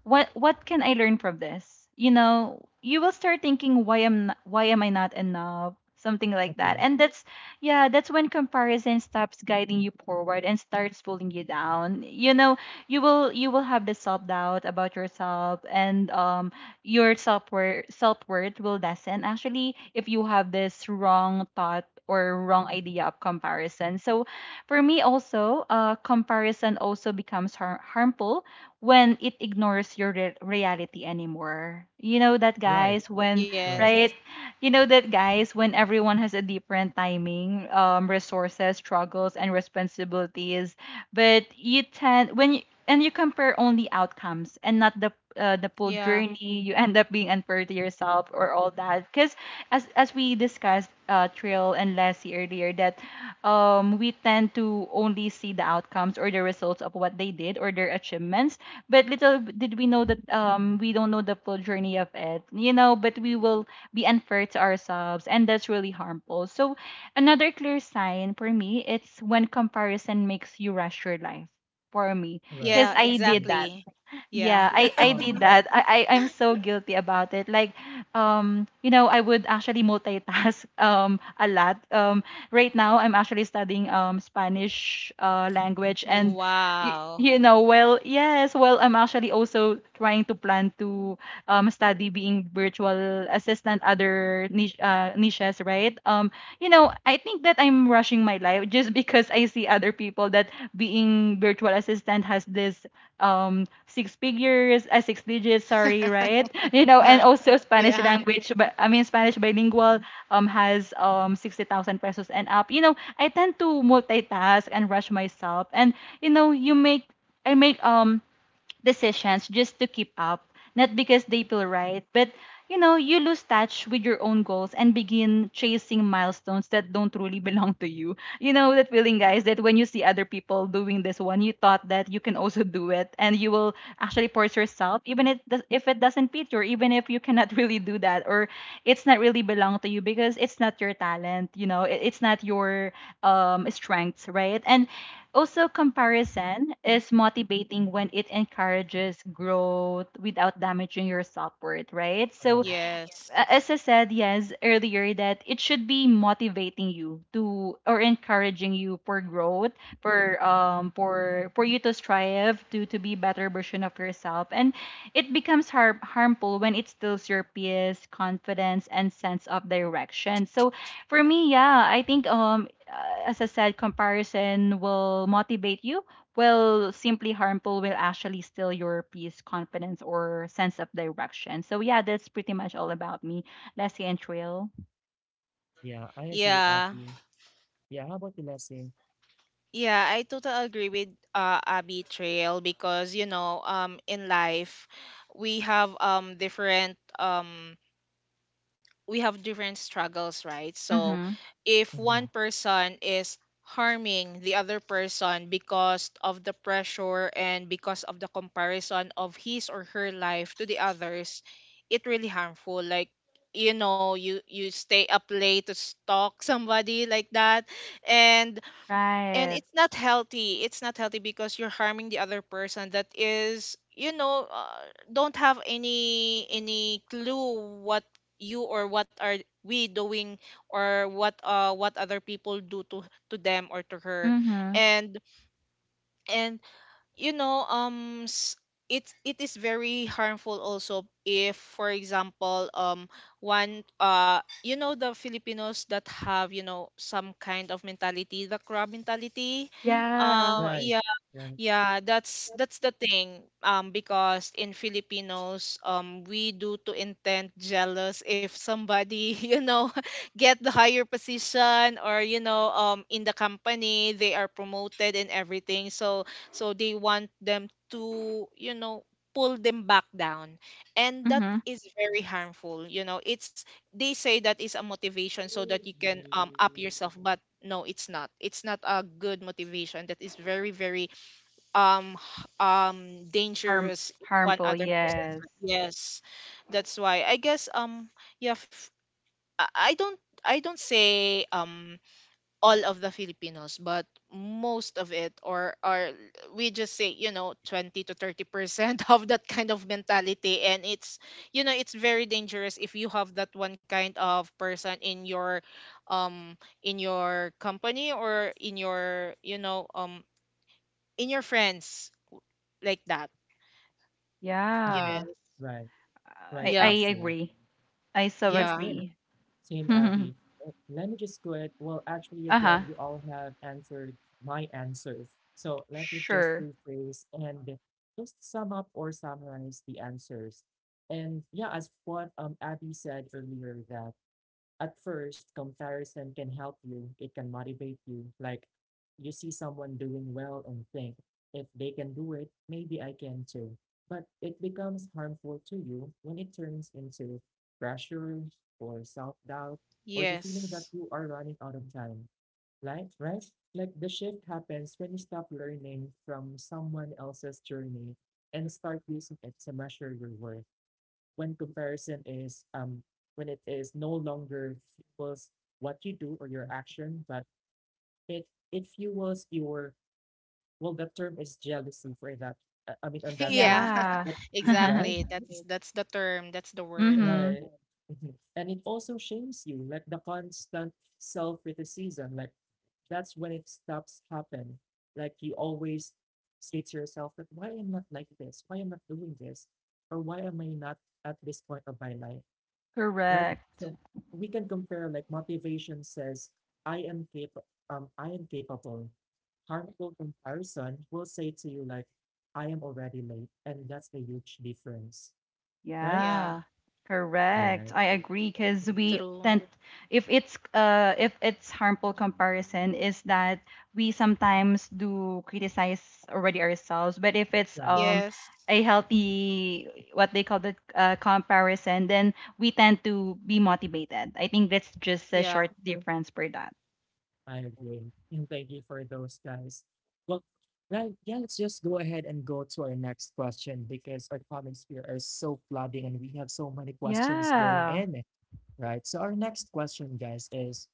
what can I learn from this? You know, you will start thinking, why am I not enough, something like that. Agree. And that's, yeah, that's when comparison stops guiding you forward and starts pulling you down. You know, you will have the self doubt about yourself. And your self worth will lessen actually if you have this wrong thought or wrong idea of comparison. So for me also, comparison also becomes harmful when it ignores your reality anymore. You know that, Right. guys, when Right. Yes. right? You know that, guys, when everyone has a different timing, resources, struggles, and responsibilities, but you tend when you compare only outcomes and not the the full Yeah. journey, you end up being unfair to yourself or all that, because as we discussed, Trill and Lassie, earlier that we tend to only see the outcomes or the results of what they did or their achievements. But little did we know that, we don't know the full journey of it, you know. But we will be unfair to ourselves, and that's really harmful. So another clear sign for me, it's when comparison makes you rush your life. For me, Right. because Yeah, I did Mm. that. exactly. Yeah, Yeah. I [LAUGHS] Um. did Oh. that. I'm so guilty about it. Like, I would actually multitask [LAUGHS] a lot. Right now I'm actually studying Spanish language. And Wow. you know, well, yes, well, I'm actually also trying to plan to study being virtual assistant, other niche niches, right? You know, I think that I'm rushing my life just because I see other people that being virtual assistant has this six figures, six digits, sorry, right? [LAUGHS] You know, and [LAUGHS] also Spanish yeah. language, but I mean Spanish bilingual has 60,000 pesos and up. You know, I tend to multitask and rush myself. And you know, you make I make decisions just to keep up, not because they feel right, but you know, you lose touch with your own goals and begin chasing milestones that don't really [LAUGHS] belong to you. You know that feeling, guys, that when you see other people doing this one, you thought that you can also do it, and you will actually force yourself, even if if it doesn't fit you, or even if you cannot [LAUGHS] really do that, or it's not really belong to you because it's not your talent. You know, it- it's not your strengths, right? And also, comparison is motivating when it encourages growth without damaging your self worth, right? So, Uh-huh. Yes. as I said, yes, earlier, that it should be motivating you to or encouraging you for growth, for you to strive to be better version of yourself. And it becomes harmful when it steals your peace, confidence, and sense of direction. So for me, yeah, I think as I said, comparison will motivate you, well, simply harmful will actually steal your peace, confidence, or sense of direction. So yeah, that's pretty much all about me, Leslie and Trill. Yeah, I agree, Yeah. Abby. Yeah, how about the Lassie? Yeah, I totally agree with Abby Trail, because in life we have um different um we have different struggles, right? So Mm-hmm. if one Mm-hmm. person is harming the other person because of the pressure and because of the comparison of his or her life to the others, it really harmful. Like, you stay up late to stalk somebody like that. And and Right. it's not healthy, it's not healthy, because you're harming the other person, that is, don't have any clue what you, or what are we doing, or what other people do to them or to her. Mm-hmm. And and you know um s- it is very harmful also if for example one, the Filipinos that have, some kind of mentality, the crab mentality. Yeah. um Right, right, yeah, that's the thing. Because in Filipinos, we do to intend jealous if somebody, [LAUGHS] [LAUGHS] get the higher position, or in the company they are promoted and everything. So they want them to pull them back down, and that Mm-hmm. is very harmful. You know, it's they say that is a motivation so that you can up yourself, but no, it's not. It's not a good motivation. That is very, very, um h- um Harm dangerous in one Harmful. other person's Yes. life. Yes. That's why I guess, yeah f- i I don't I don't say, all of the Filipinos, but most of it, or we just say, 20 to 30% [LAUGHS] of that kind of mentality. And it's very dangerous if you have that one kind of person in your, um in your company, or in your, in your friends, like that. mm-hmm. Yeah. Yes. Right, right, I Yep. Lassie. agree. I so Yeah, Yeah. same, agree. [LAUGHS] same, uh Abby. Let me just go ahead. Well, actually, huh. again, you all have answered my answers. So let me just Sure. rephrase and just sum up or summarize the answers. And yeah, as what Abby said earlier, that at first comparison can help you, it can motivate you, like you see someone doing well and think, if they can do it, maybe I can too. But it becomes harmful to you when it turns into pressure or self-doubt, or the feeling that Yes. you are running out of time. Like, right, like the shift happens when you stop learning from someone else's journey and start using it to measure your worth, when comparison is, when it is no longer fuels what you do or your action, but it it fuels your, well, that term is jealousy for that, I mean, on [LAUGHS] that term. Yeah. Yeah. [LAUGHS] But- [LAUGHS] mm-hmm. Right? Exactly. That's the term. That's the word. Right. Mhm. And it also shames you, like the constant self-criticism, like that's when it stops happen. Like you always say to yourself that, why am not like this? Why am not doing this? Or why am I not at this point of my life? Right? Correct. So we can compare, like motivation says, I am capable. Harmful comparison will say to you like, I am already late, and that's a huge difference, right? Yeah. Yeah, correct. Right. I agree because we True. tend, if it's harmful comparison, is that we sometimes do criticize already ourselves. But if it's Right, Yes. a healthy, what they call, the comparison, then we tend to be motivated. I think that's just a Yeah. short difference per that. I agree. And thank you for those guys. Well, right, yeah, let's just go ahead and go to our next question because our comments here are so flooding and we have so many questions going Yeah. in, right? So our next question, guys, is,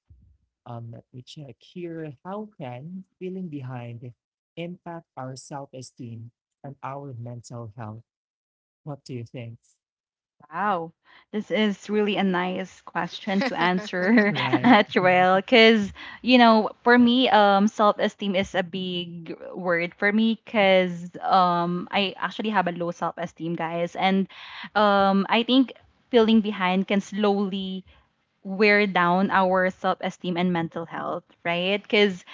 Let me check here. How can feeling behind impact our self esteem and our mental health? What do you think? Wow, this is really a nice question to [LAUGHS] answer, Right. [LAUGHS] Mhm. Trail, because you know, for me, self-esteem is a big word for me, because I actually have a low self-esteem, guys. And I think feeling behind can slowly wear down our self esteem and mental health, right? Because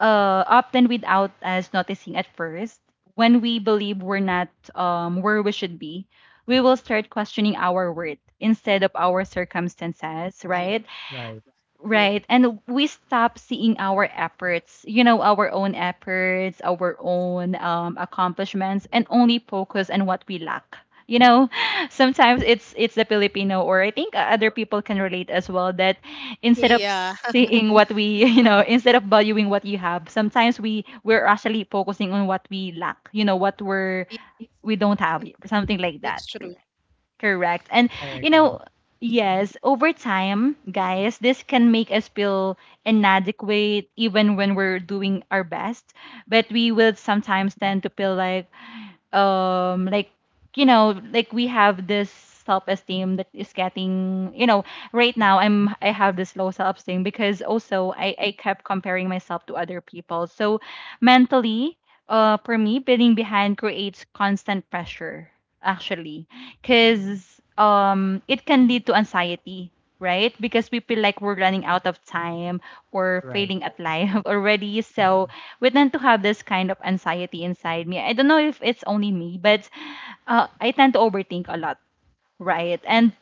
often without us noticing at first, when we believe we're not where we should be, we will start questioning our worth instead of our circumstances, right? Right. True. Right. And we stop seeing our efforts, you know, our own efforts, our own accomplishments, and only focus on what we lack. You know, [LAUGHS] sometimes it's the Filipino, or I think other people can relate as well. That [LAUGHS] instead of Yeah. [LAUGHS] seeing what we, [LAUGHS] you know, instead of valuing what you have, sometimes we're actually focusing on what we lack. You know, what we're, we don't have, something like That's that. true. Correct. And I you agree. know, yes, over time, guys, this can make us feel inadequate even when we're doing our best. But we will sometimes tend to feel like like like we have this self-esteem that is getting. Right now I have this low self-esteem because also I kept comparing myself to other people. So mentally, for me, being behind creates constant pressure actually, because it can lead to anxiety, right? Because we feel like we're running out of time or Right. failing at life [LAUGHS] already. Mhm. So we tend to have this kind of anxiety inside me. I don't know if it's only me, but I tend to overthink a lot, right? And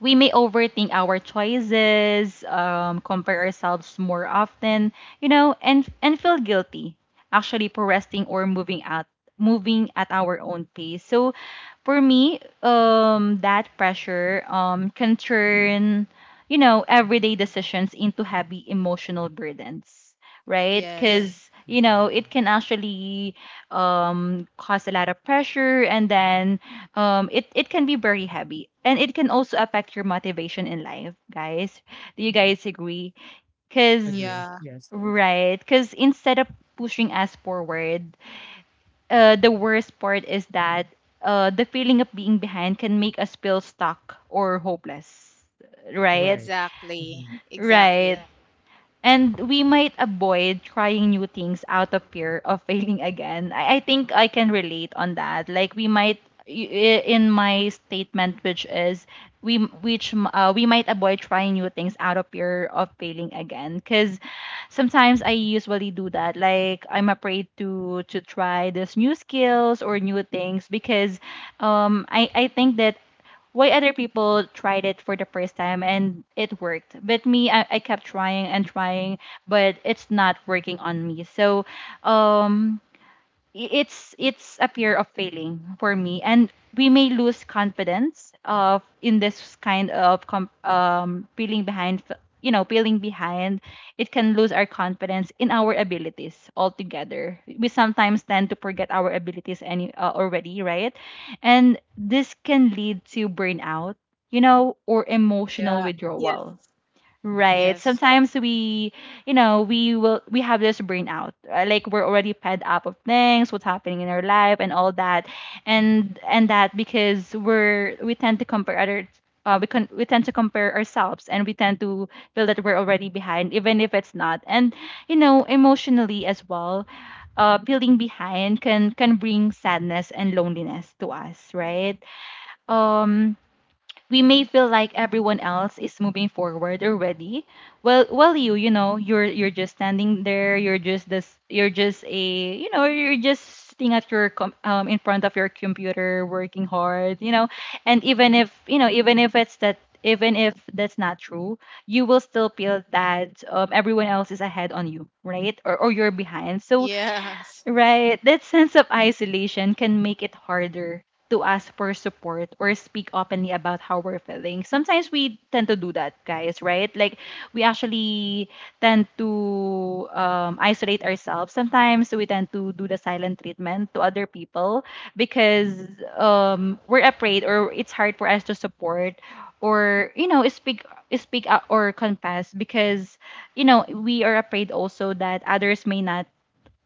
we may overthink our choices, compare ourselves more often, you know, and feel guilty actually for resting or moving at our own pace. So for me, that pressure can turn, you know, everyday decisions into heavy emotional burdens, right? Yes. Because you Mhm. know it can actually cause a lot of pressure. And then it can be very heavy, and it can also affect your motivation in life, guys. Do you guys agree? Agree. Because Yeah. Yes. right, because instead of pushing us forward, the worst part is that the feeling of being behind can make us feel stuck or hopeless, right? Right. Exactly. Mhm. Right. Exactly. And we might avoid trying new things out of fear of failing again. I think I can relate on that. Like we might in my statement, which is we, which we might avoid trying new things out of fear of failing again, because sometimes I usually do that. Like I'm afraid to try this new skills or new things, because I think that why other people tried it for the first time and it worked. But me, I kept trying and trying, but it's not working on me. So, um, it's a fear of failing for me. And we may lose confidence of in this kind of feeling behind, you know, feeling behind, it can lose our confidence in our abilities altogether. We sometimes tend to forget our abilities any already, right? And this can lead to burnout, you know, or Yeah. emotional withdrawal. Yes. Right. Yes. Sometimes we, you know, we will we have this burnout. Like we're already fed up of things, what's happening in our life and all that. And that because we're we tend to compare other, we can we tend to compare ourselves, and we tend to feel that we're already behind even if it's not. And you know, emotionally as well, feeling behind can bring sadness and loneliness to us, right? Um we may feel like everyone else is moving forward already. Well, you know, you're just standing there, you're just this you're just a, you know, you're just sitting at your in front of your computer working hard, you know. And even if, you know, even if it's that, even if that's not true, you will still feel that everyone else is ahead on you, right? Or you're behind. [LAUGHS] So Yes. right. That sense of isolation can make it harder to ask for support or speak openly about how we're feeling. Sometimes we tend to do that, guys, right? Like we actually tend to isolate ourselves. Sometimes we tend to do the silent treatment to other people, because we're afraid, or it's hard for us to support, or you know, speak out or confess, because you know we are afraid also that others may not,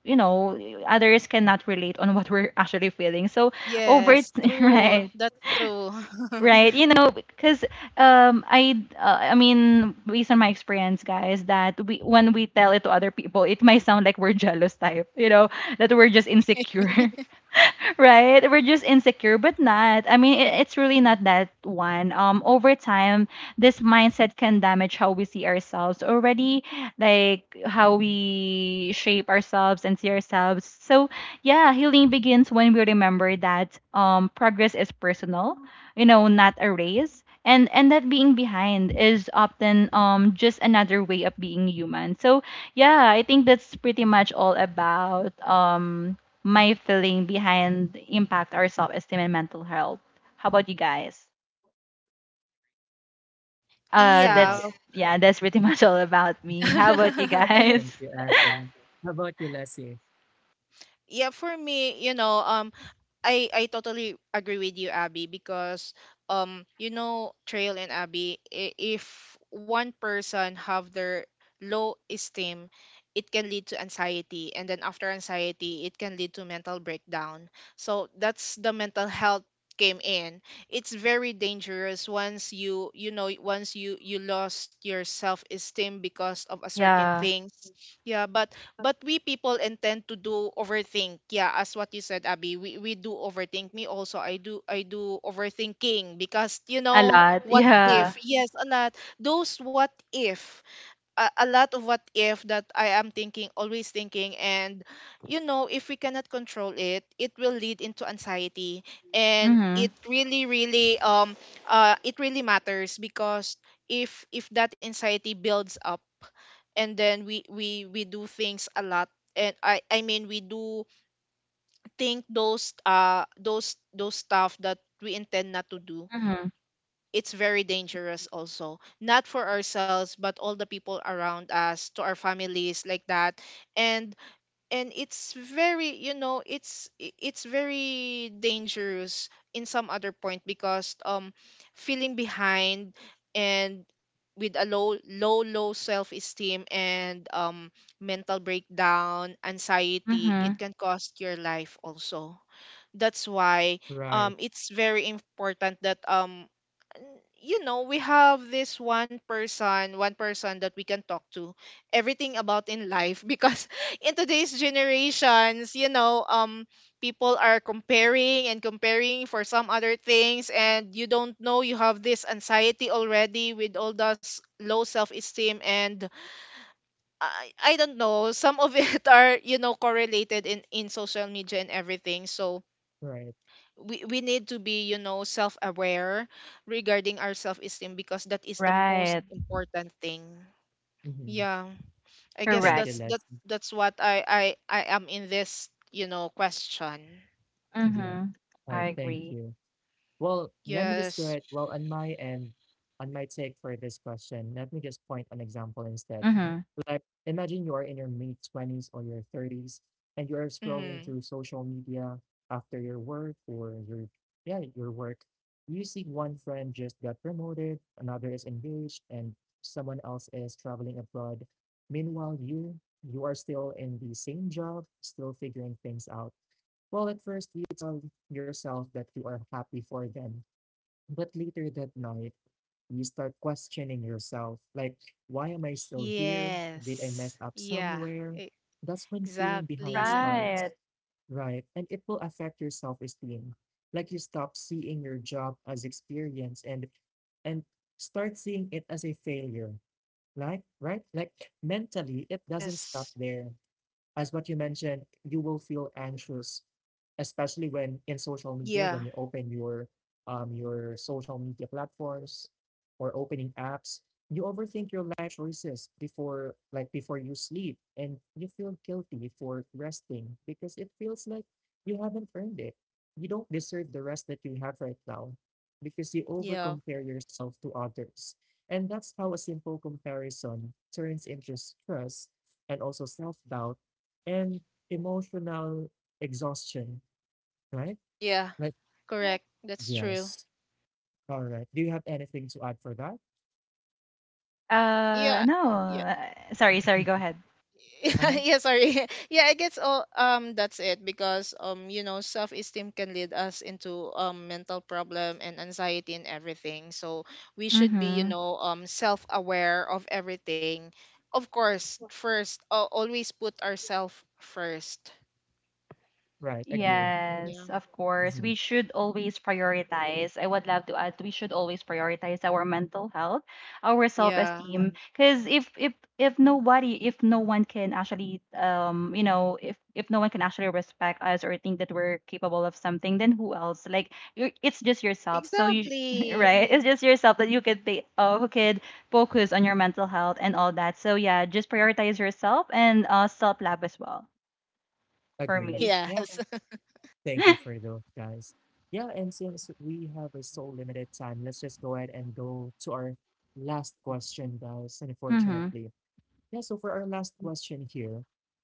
you know, others cannot relate on what we're actually feeling. So Yes. [LAUGHS] True. right, That's true. [LAUGHS] right, you know, because I mean, based on my experience, guys, that we when we tell it to other people, it might sound like we're jealous type, you know, that we're just insecure. [LAUGHS] Right? We're just insecure, but not. I mean, it's really not that one. Over time, this mindset can damage how we see ourselves already, like how we shape ourselves and see ourselves. So yeah, healing begins when we remember that progress is personal, you know, not a race. And that being behind is often just another way of being human. So yeah, I think that's pretty much all about my feeling behind impact our self-esteem and mental health. How about you guys? So That's Yeah. much. yeah, that's pretty [LAUGHS] much all about me. Mhm. How about you Thank guys? you, [LAUGHS] Abby. How about you, Leslie? Yeah, for me, I totally agree with you, Abby, because, Trail and Abby, if one person have their low esteem, it can lead to anxiety, and then after anxiety, it can lead to mental breakdown. So that's the mental health came in. It's very dangerous once you lost your self esteem because of a certain Yeah, things. Yeah, but we people intend to do overthink, yeah, as what you said, Abby, we do overthink, me also, I do overthinking, because, a lot. what Yeah. if. Yes. A lot, those what if, a lot of what if that I am thinking, always thinking, and, if we cannot control it will lead into anxiety. And it Mhm. really, really, it really matters, because if that anxiety builds up, and then we do things a lot, and I mean we do think those, those stuff that we intend not to do. Mhm. It's very dangerous also, not for ourselves but all the people around us, to our families, like that. And and it's very you know it's I- it's very dangerous in some other point, because, feeling behind, and with a low self-esteem, and, mental breakdown, anxiety, it Mhm. can cost your life also. That's why, Right. It's very important that, you know, we have this one person that we can talk to everything about in life, [LAUGHS] because in today's generations, people are comparing and comparing for some other things, and you don't know you have this anxiety already with all those low self-esteem. And I don't know, some of it [LAUGHS] are, correlated in social media and everything. So Right. We need to be, self-aware regarding our self-esteem, because that is the most Right. important thing. Mhm. Yeah, I guess Thank Correct. you, that's that's Leslie. that's what I am in this, question. Yeah. Mhm. I Right. Thank agree. you. Well, let me just go Yes. ahead. Well, on my end, on my take for this question, let me just point an example instead. Mhm. Like, imagine you are in your mid 20s or your 30s and you are scrolling Mm-hmm. through social media after your work or your work. You see one friend just got promoted, another is engaged, and someone else is traveling abroad. Meanwhile, you are still in the same job, still figuring things out. Well, at first, you tell yourself that you are happy for them, but later that night, you start questioning yourself like, why am I still here? Yes. Did I mess up Yeah. somewhere? e- That's when feeling behind exactly. Right. starts, right? And it will affect your self esteem. Like you stop seeing your job as experience and start seeing it as a failure. Like, right? Like mentally, it doesn't stop Yes. there. As what you mentioned, you will feel anxious, especially when in social media, Yeah. when you open your social media platforms or opening apps, you overthink your life choices before you sleep, and you feel guilty for resting because it feels like you haven't earned it. You don't deserve the rest that you have right now because you Yeah. overcompare yourself to others. And that's how a simple comparison turns into stress and also self doubt and emotional exhaustion, right? Yeah. Like, Correct. That's true. yes. All right. Do you have anything to add for that? Yeah. No. Yeah. Sorry. Sorry. Go [LAUGHS] ahead. Uh-huh. [LAUGHS] Yeah, sorry. [LAUGHS] Yeah, I guess all, that's it, because, self-esteem can lead us into, mental problem and anxiety and everything. So we should be, Mhm. Self-aware of everything. Of course, first, always put ourselves first. Right. Agree. Yeah. Yes, of course. Mhm. We should always prioritize. I would love to add, we should always prioritize our mental health, our Yeah. self-esteem, because if nobody, if no one can actually, you know, if no one can actually respect us or think that we're capable of something, then who else? Like, you it's just yourself. So you, [LAUGHS] Exactly. right? It's just yourself that you could be, who could focus on your mental health and all that. So yeah, just prioritize yourself and self-love as well. For [LAUGHS] Agree. me. Yeah. Yes. [LAUGHS] Thank you for those guys. Yeah. And since we have a so limited time, let's just go ahead and go to our last question, guys. Mm-hmm. Unfortunately. Yeah. So for our last question here,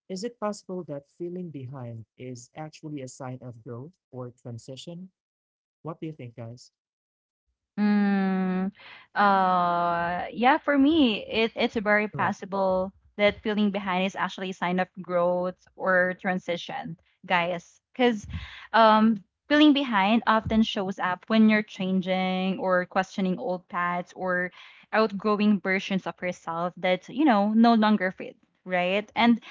is it possible that feeling behind is actually a sign of growth or transition? What do you think, guys? Mm, yeah, for me, it's very Right. possible that feeling behind is actually a sign of growth or transition, guys. Because feeling behind often shows up when you're changing or questioning old paths or outgrowing versions of yourself that, you know, no longer fit, right? And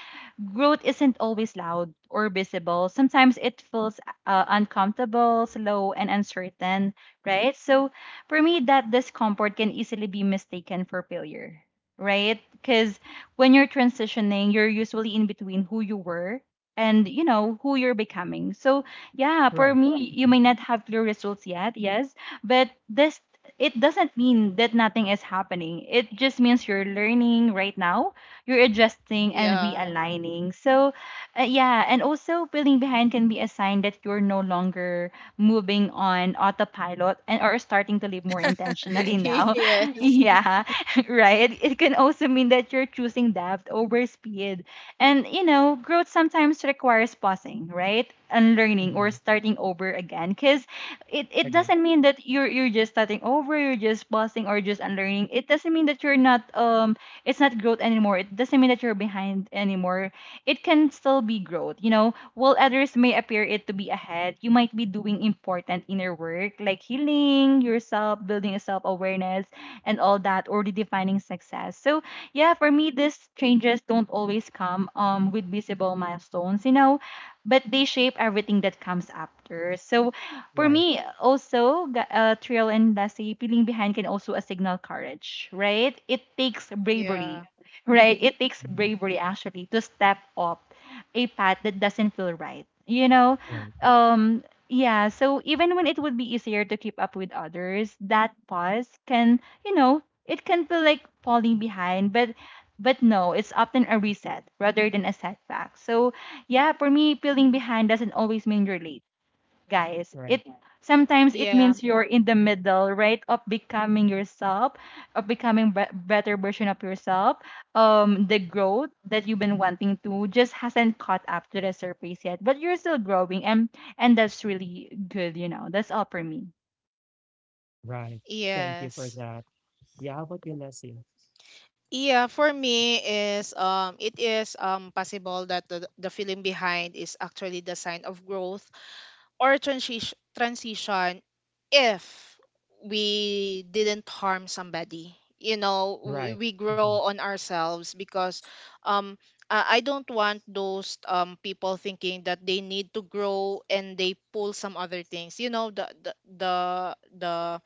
growth isn't always loud or visible. Sometimes it feels uncomfortable, slow, and uncertain, right? So, for me, that discomfort can easily be mistaken for failure, right? Because when you're transitioning, you're usually in between who you were and you know who you're becoming. So yeah, for Right. me, you Mhm, may not have clear results yet, yes, but this it doesn't mean that nothing is happening. It just means you're learning right now, you're adjusting and Yeah. realigning. So yeah, and also feeling behind can be a sign that you're no longer moving on autopilot and or starting to live more intentionally [LAUGHS] now. Yes. [LAUGHS] Yeah, [LAUGHS] right. It can also mean that you're choosing depth over speed. And you know, growth sometimes requires pausing, right? Unlearning or mhm, starting over again. Cause it agree. doesn't mean that you're just starting over, you're just pausing or just unlearning. It doesn't mean that you're not it's not growth anymore. It doesn't mean that you're behind anymore. It can still be growth, you know, while others may appear it to be ahead, you might be doing important inner work like healing yourself, building a self awareness, and all that, or redefining success. So, yeah, for me, these changes don't always come with visible milestones, you know, but they shape everything that comes after. So, for Right. me, also, Trill and Lassie, peeling behind can also a signal courage, right? It takes bravery, Yeah. right? It takes Mhm, bravery actually to step up a path that doesn't feel right. You know, right, um, yeah. So even when it would be easier to keep up with others, that pause can, you know, it can feel like falling behind. But no, it's often a reset rather than a setback. So yeah, for me, feeling behind doesn't always mean you're late, guys. right, It sometimes it Yeah. means you're in the middle, right, of becoming yourself, of becoming better version of yourself. The growth that you've been wanting to just hasn't caught up to the surface yet, but you're still growing, and that's really good, you know. That's all for me. right. Thank you for Yes. that. Yeah, how about you, Leslie? Yeah, for me is, it is, possible that the feeling behind is actually the sign of growth or transition, if we didn't harm somebody. You know, Right. we grow Mhm, on ourselves, because, um I don't want those, people thinking that they need to grow and they pull some other things. You know, the the the the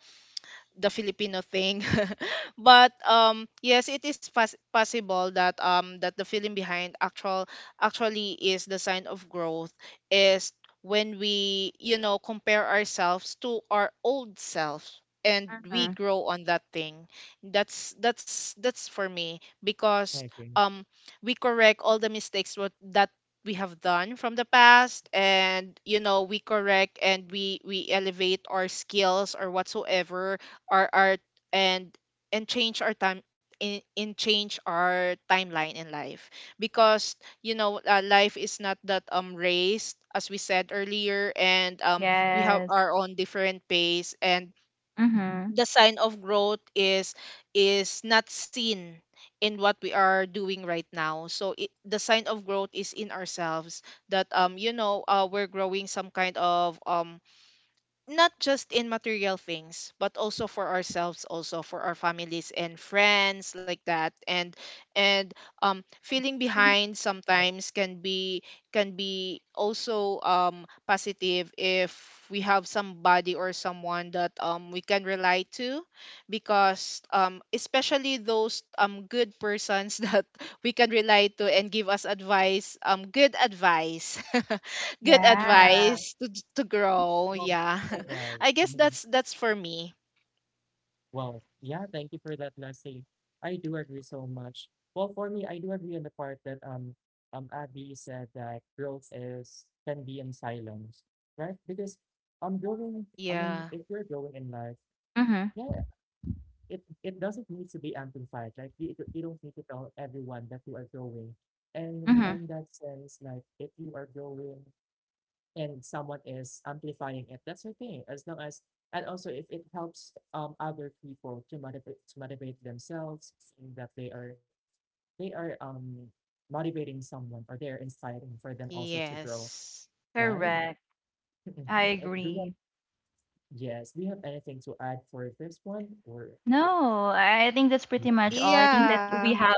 the Filipino thing. [LAUGHS] But, yes, it is possible that, that the feeling behind actually is the sign of growth, is when we, compare ourselves to our old self and we grow on that thing. That's for me, because, I agree. um we correct all the mistakes what that we have done from the past, and, we correct, and we elevate our skills or whatsoever, our art. And change our time in change our timeline in life, because, life is not that, raised, as we said earlier, and, we have Yes. our own different pace. And Mhm. the sign of growth is not seen in what we are doing right now, so, the sign of growth is in ourselves. That, we're growing some kind of, not just in material things but also for ourselves, also for our families and friends, like that. And feeling behind sometimes can be also, positive, if we have somebody or someone that, we can rely to, because, especially those, good persons, [LAUGHS] that we can rely to and give us advice, good advice, [LAUGHS] good Yeah. advice to grow. Yeah. [LAUGHS] Right. I guess Mhm. that's for me. Well, yeah, thank you for that, Leslie. I do agree so much. Well, for me, I do agree on the part that Abby said that growth is can be in silence, right? Because I'm growing, I mean, Yeah. if you're growing in life, Mhm. yeah, it doesn't need to be amplified. Like you don't need to tell everyone that you are growing. And Mhm. on that sense, like if you are growing and someone is amplifying it, that's okay. As long as, and also if it helps other people to motivate themselves, seeing that they are motivating someone or they're inspiring for them also to grow, Yes. right? Correct. [LAUGHS] I And do you have, agree. yes, do you have anything to add for this one or No, I think that's pretty yeah, much all. I think that Yeah. we have,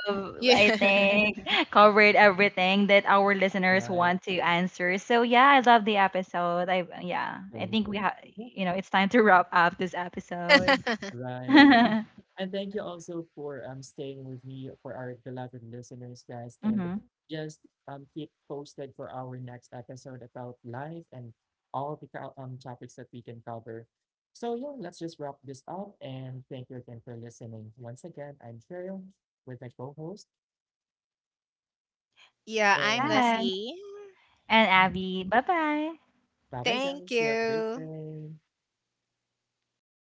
I Yeah. think, [LAUGHS] covered everything that our listeners right? want to answer. So yeah, I love the episode. I yeah, I Thank think you. we have, Yeah. you know, it's time to wrap up this episode. [LAUGHS] Right. [LAUGHS] And thank you also for staying with me for our beloved listeners, guys. And hmm just keep posted for our next episode about life and all the topics that we can cover. So yeah, let's just wrap this up and thank you again for listening. Once again, I'm Cheryl with my co-host, Yeah, I'm and Leslie. bye bye Thank guys. You have a great you. day.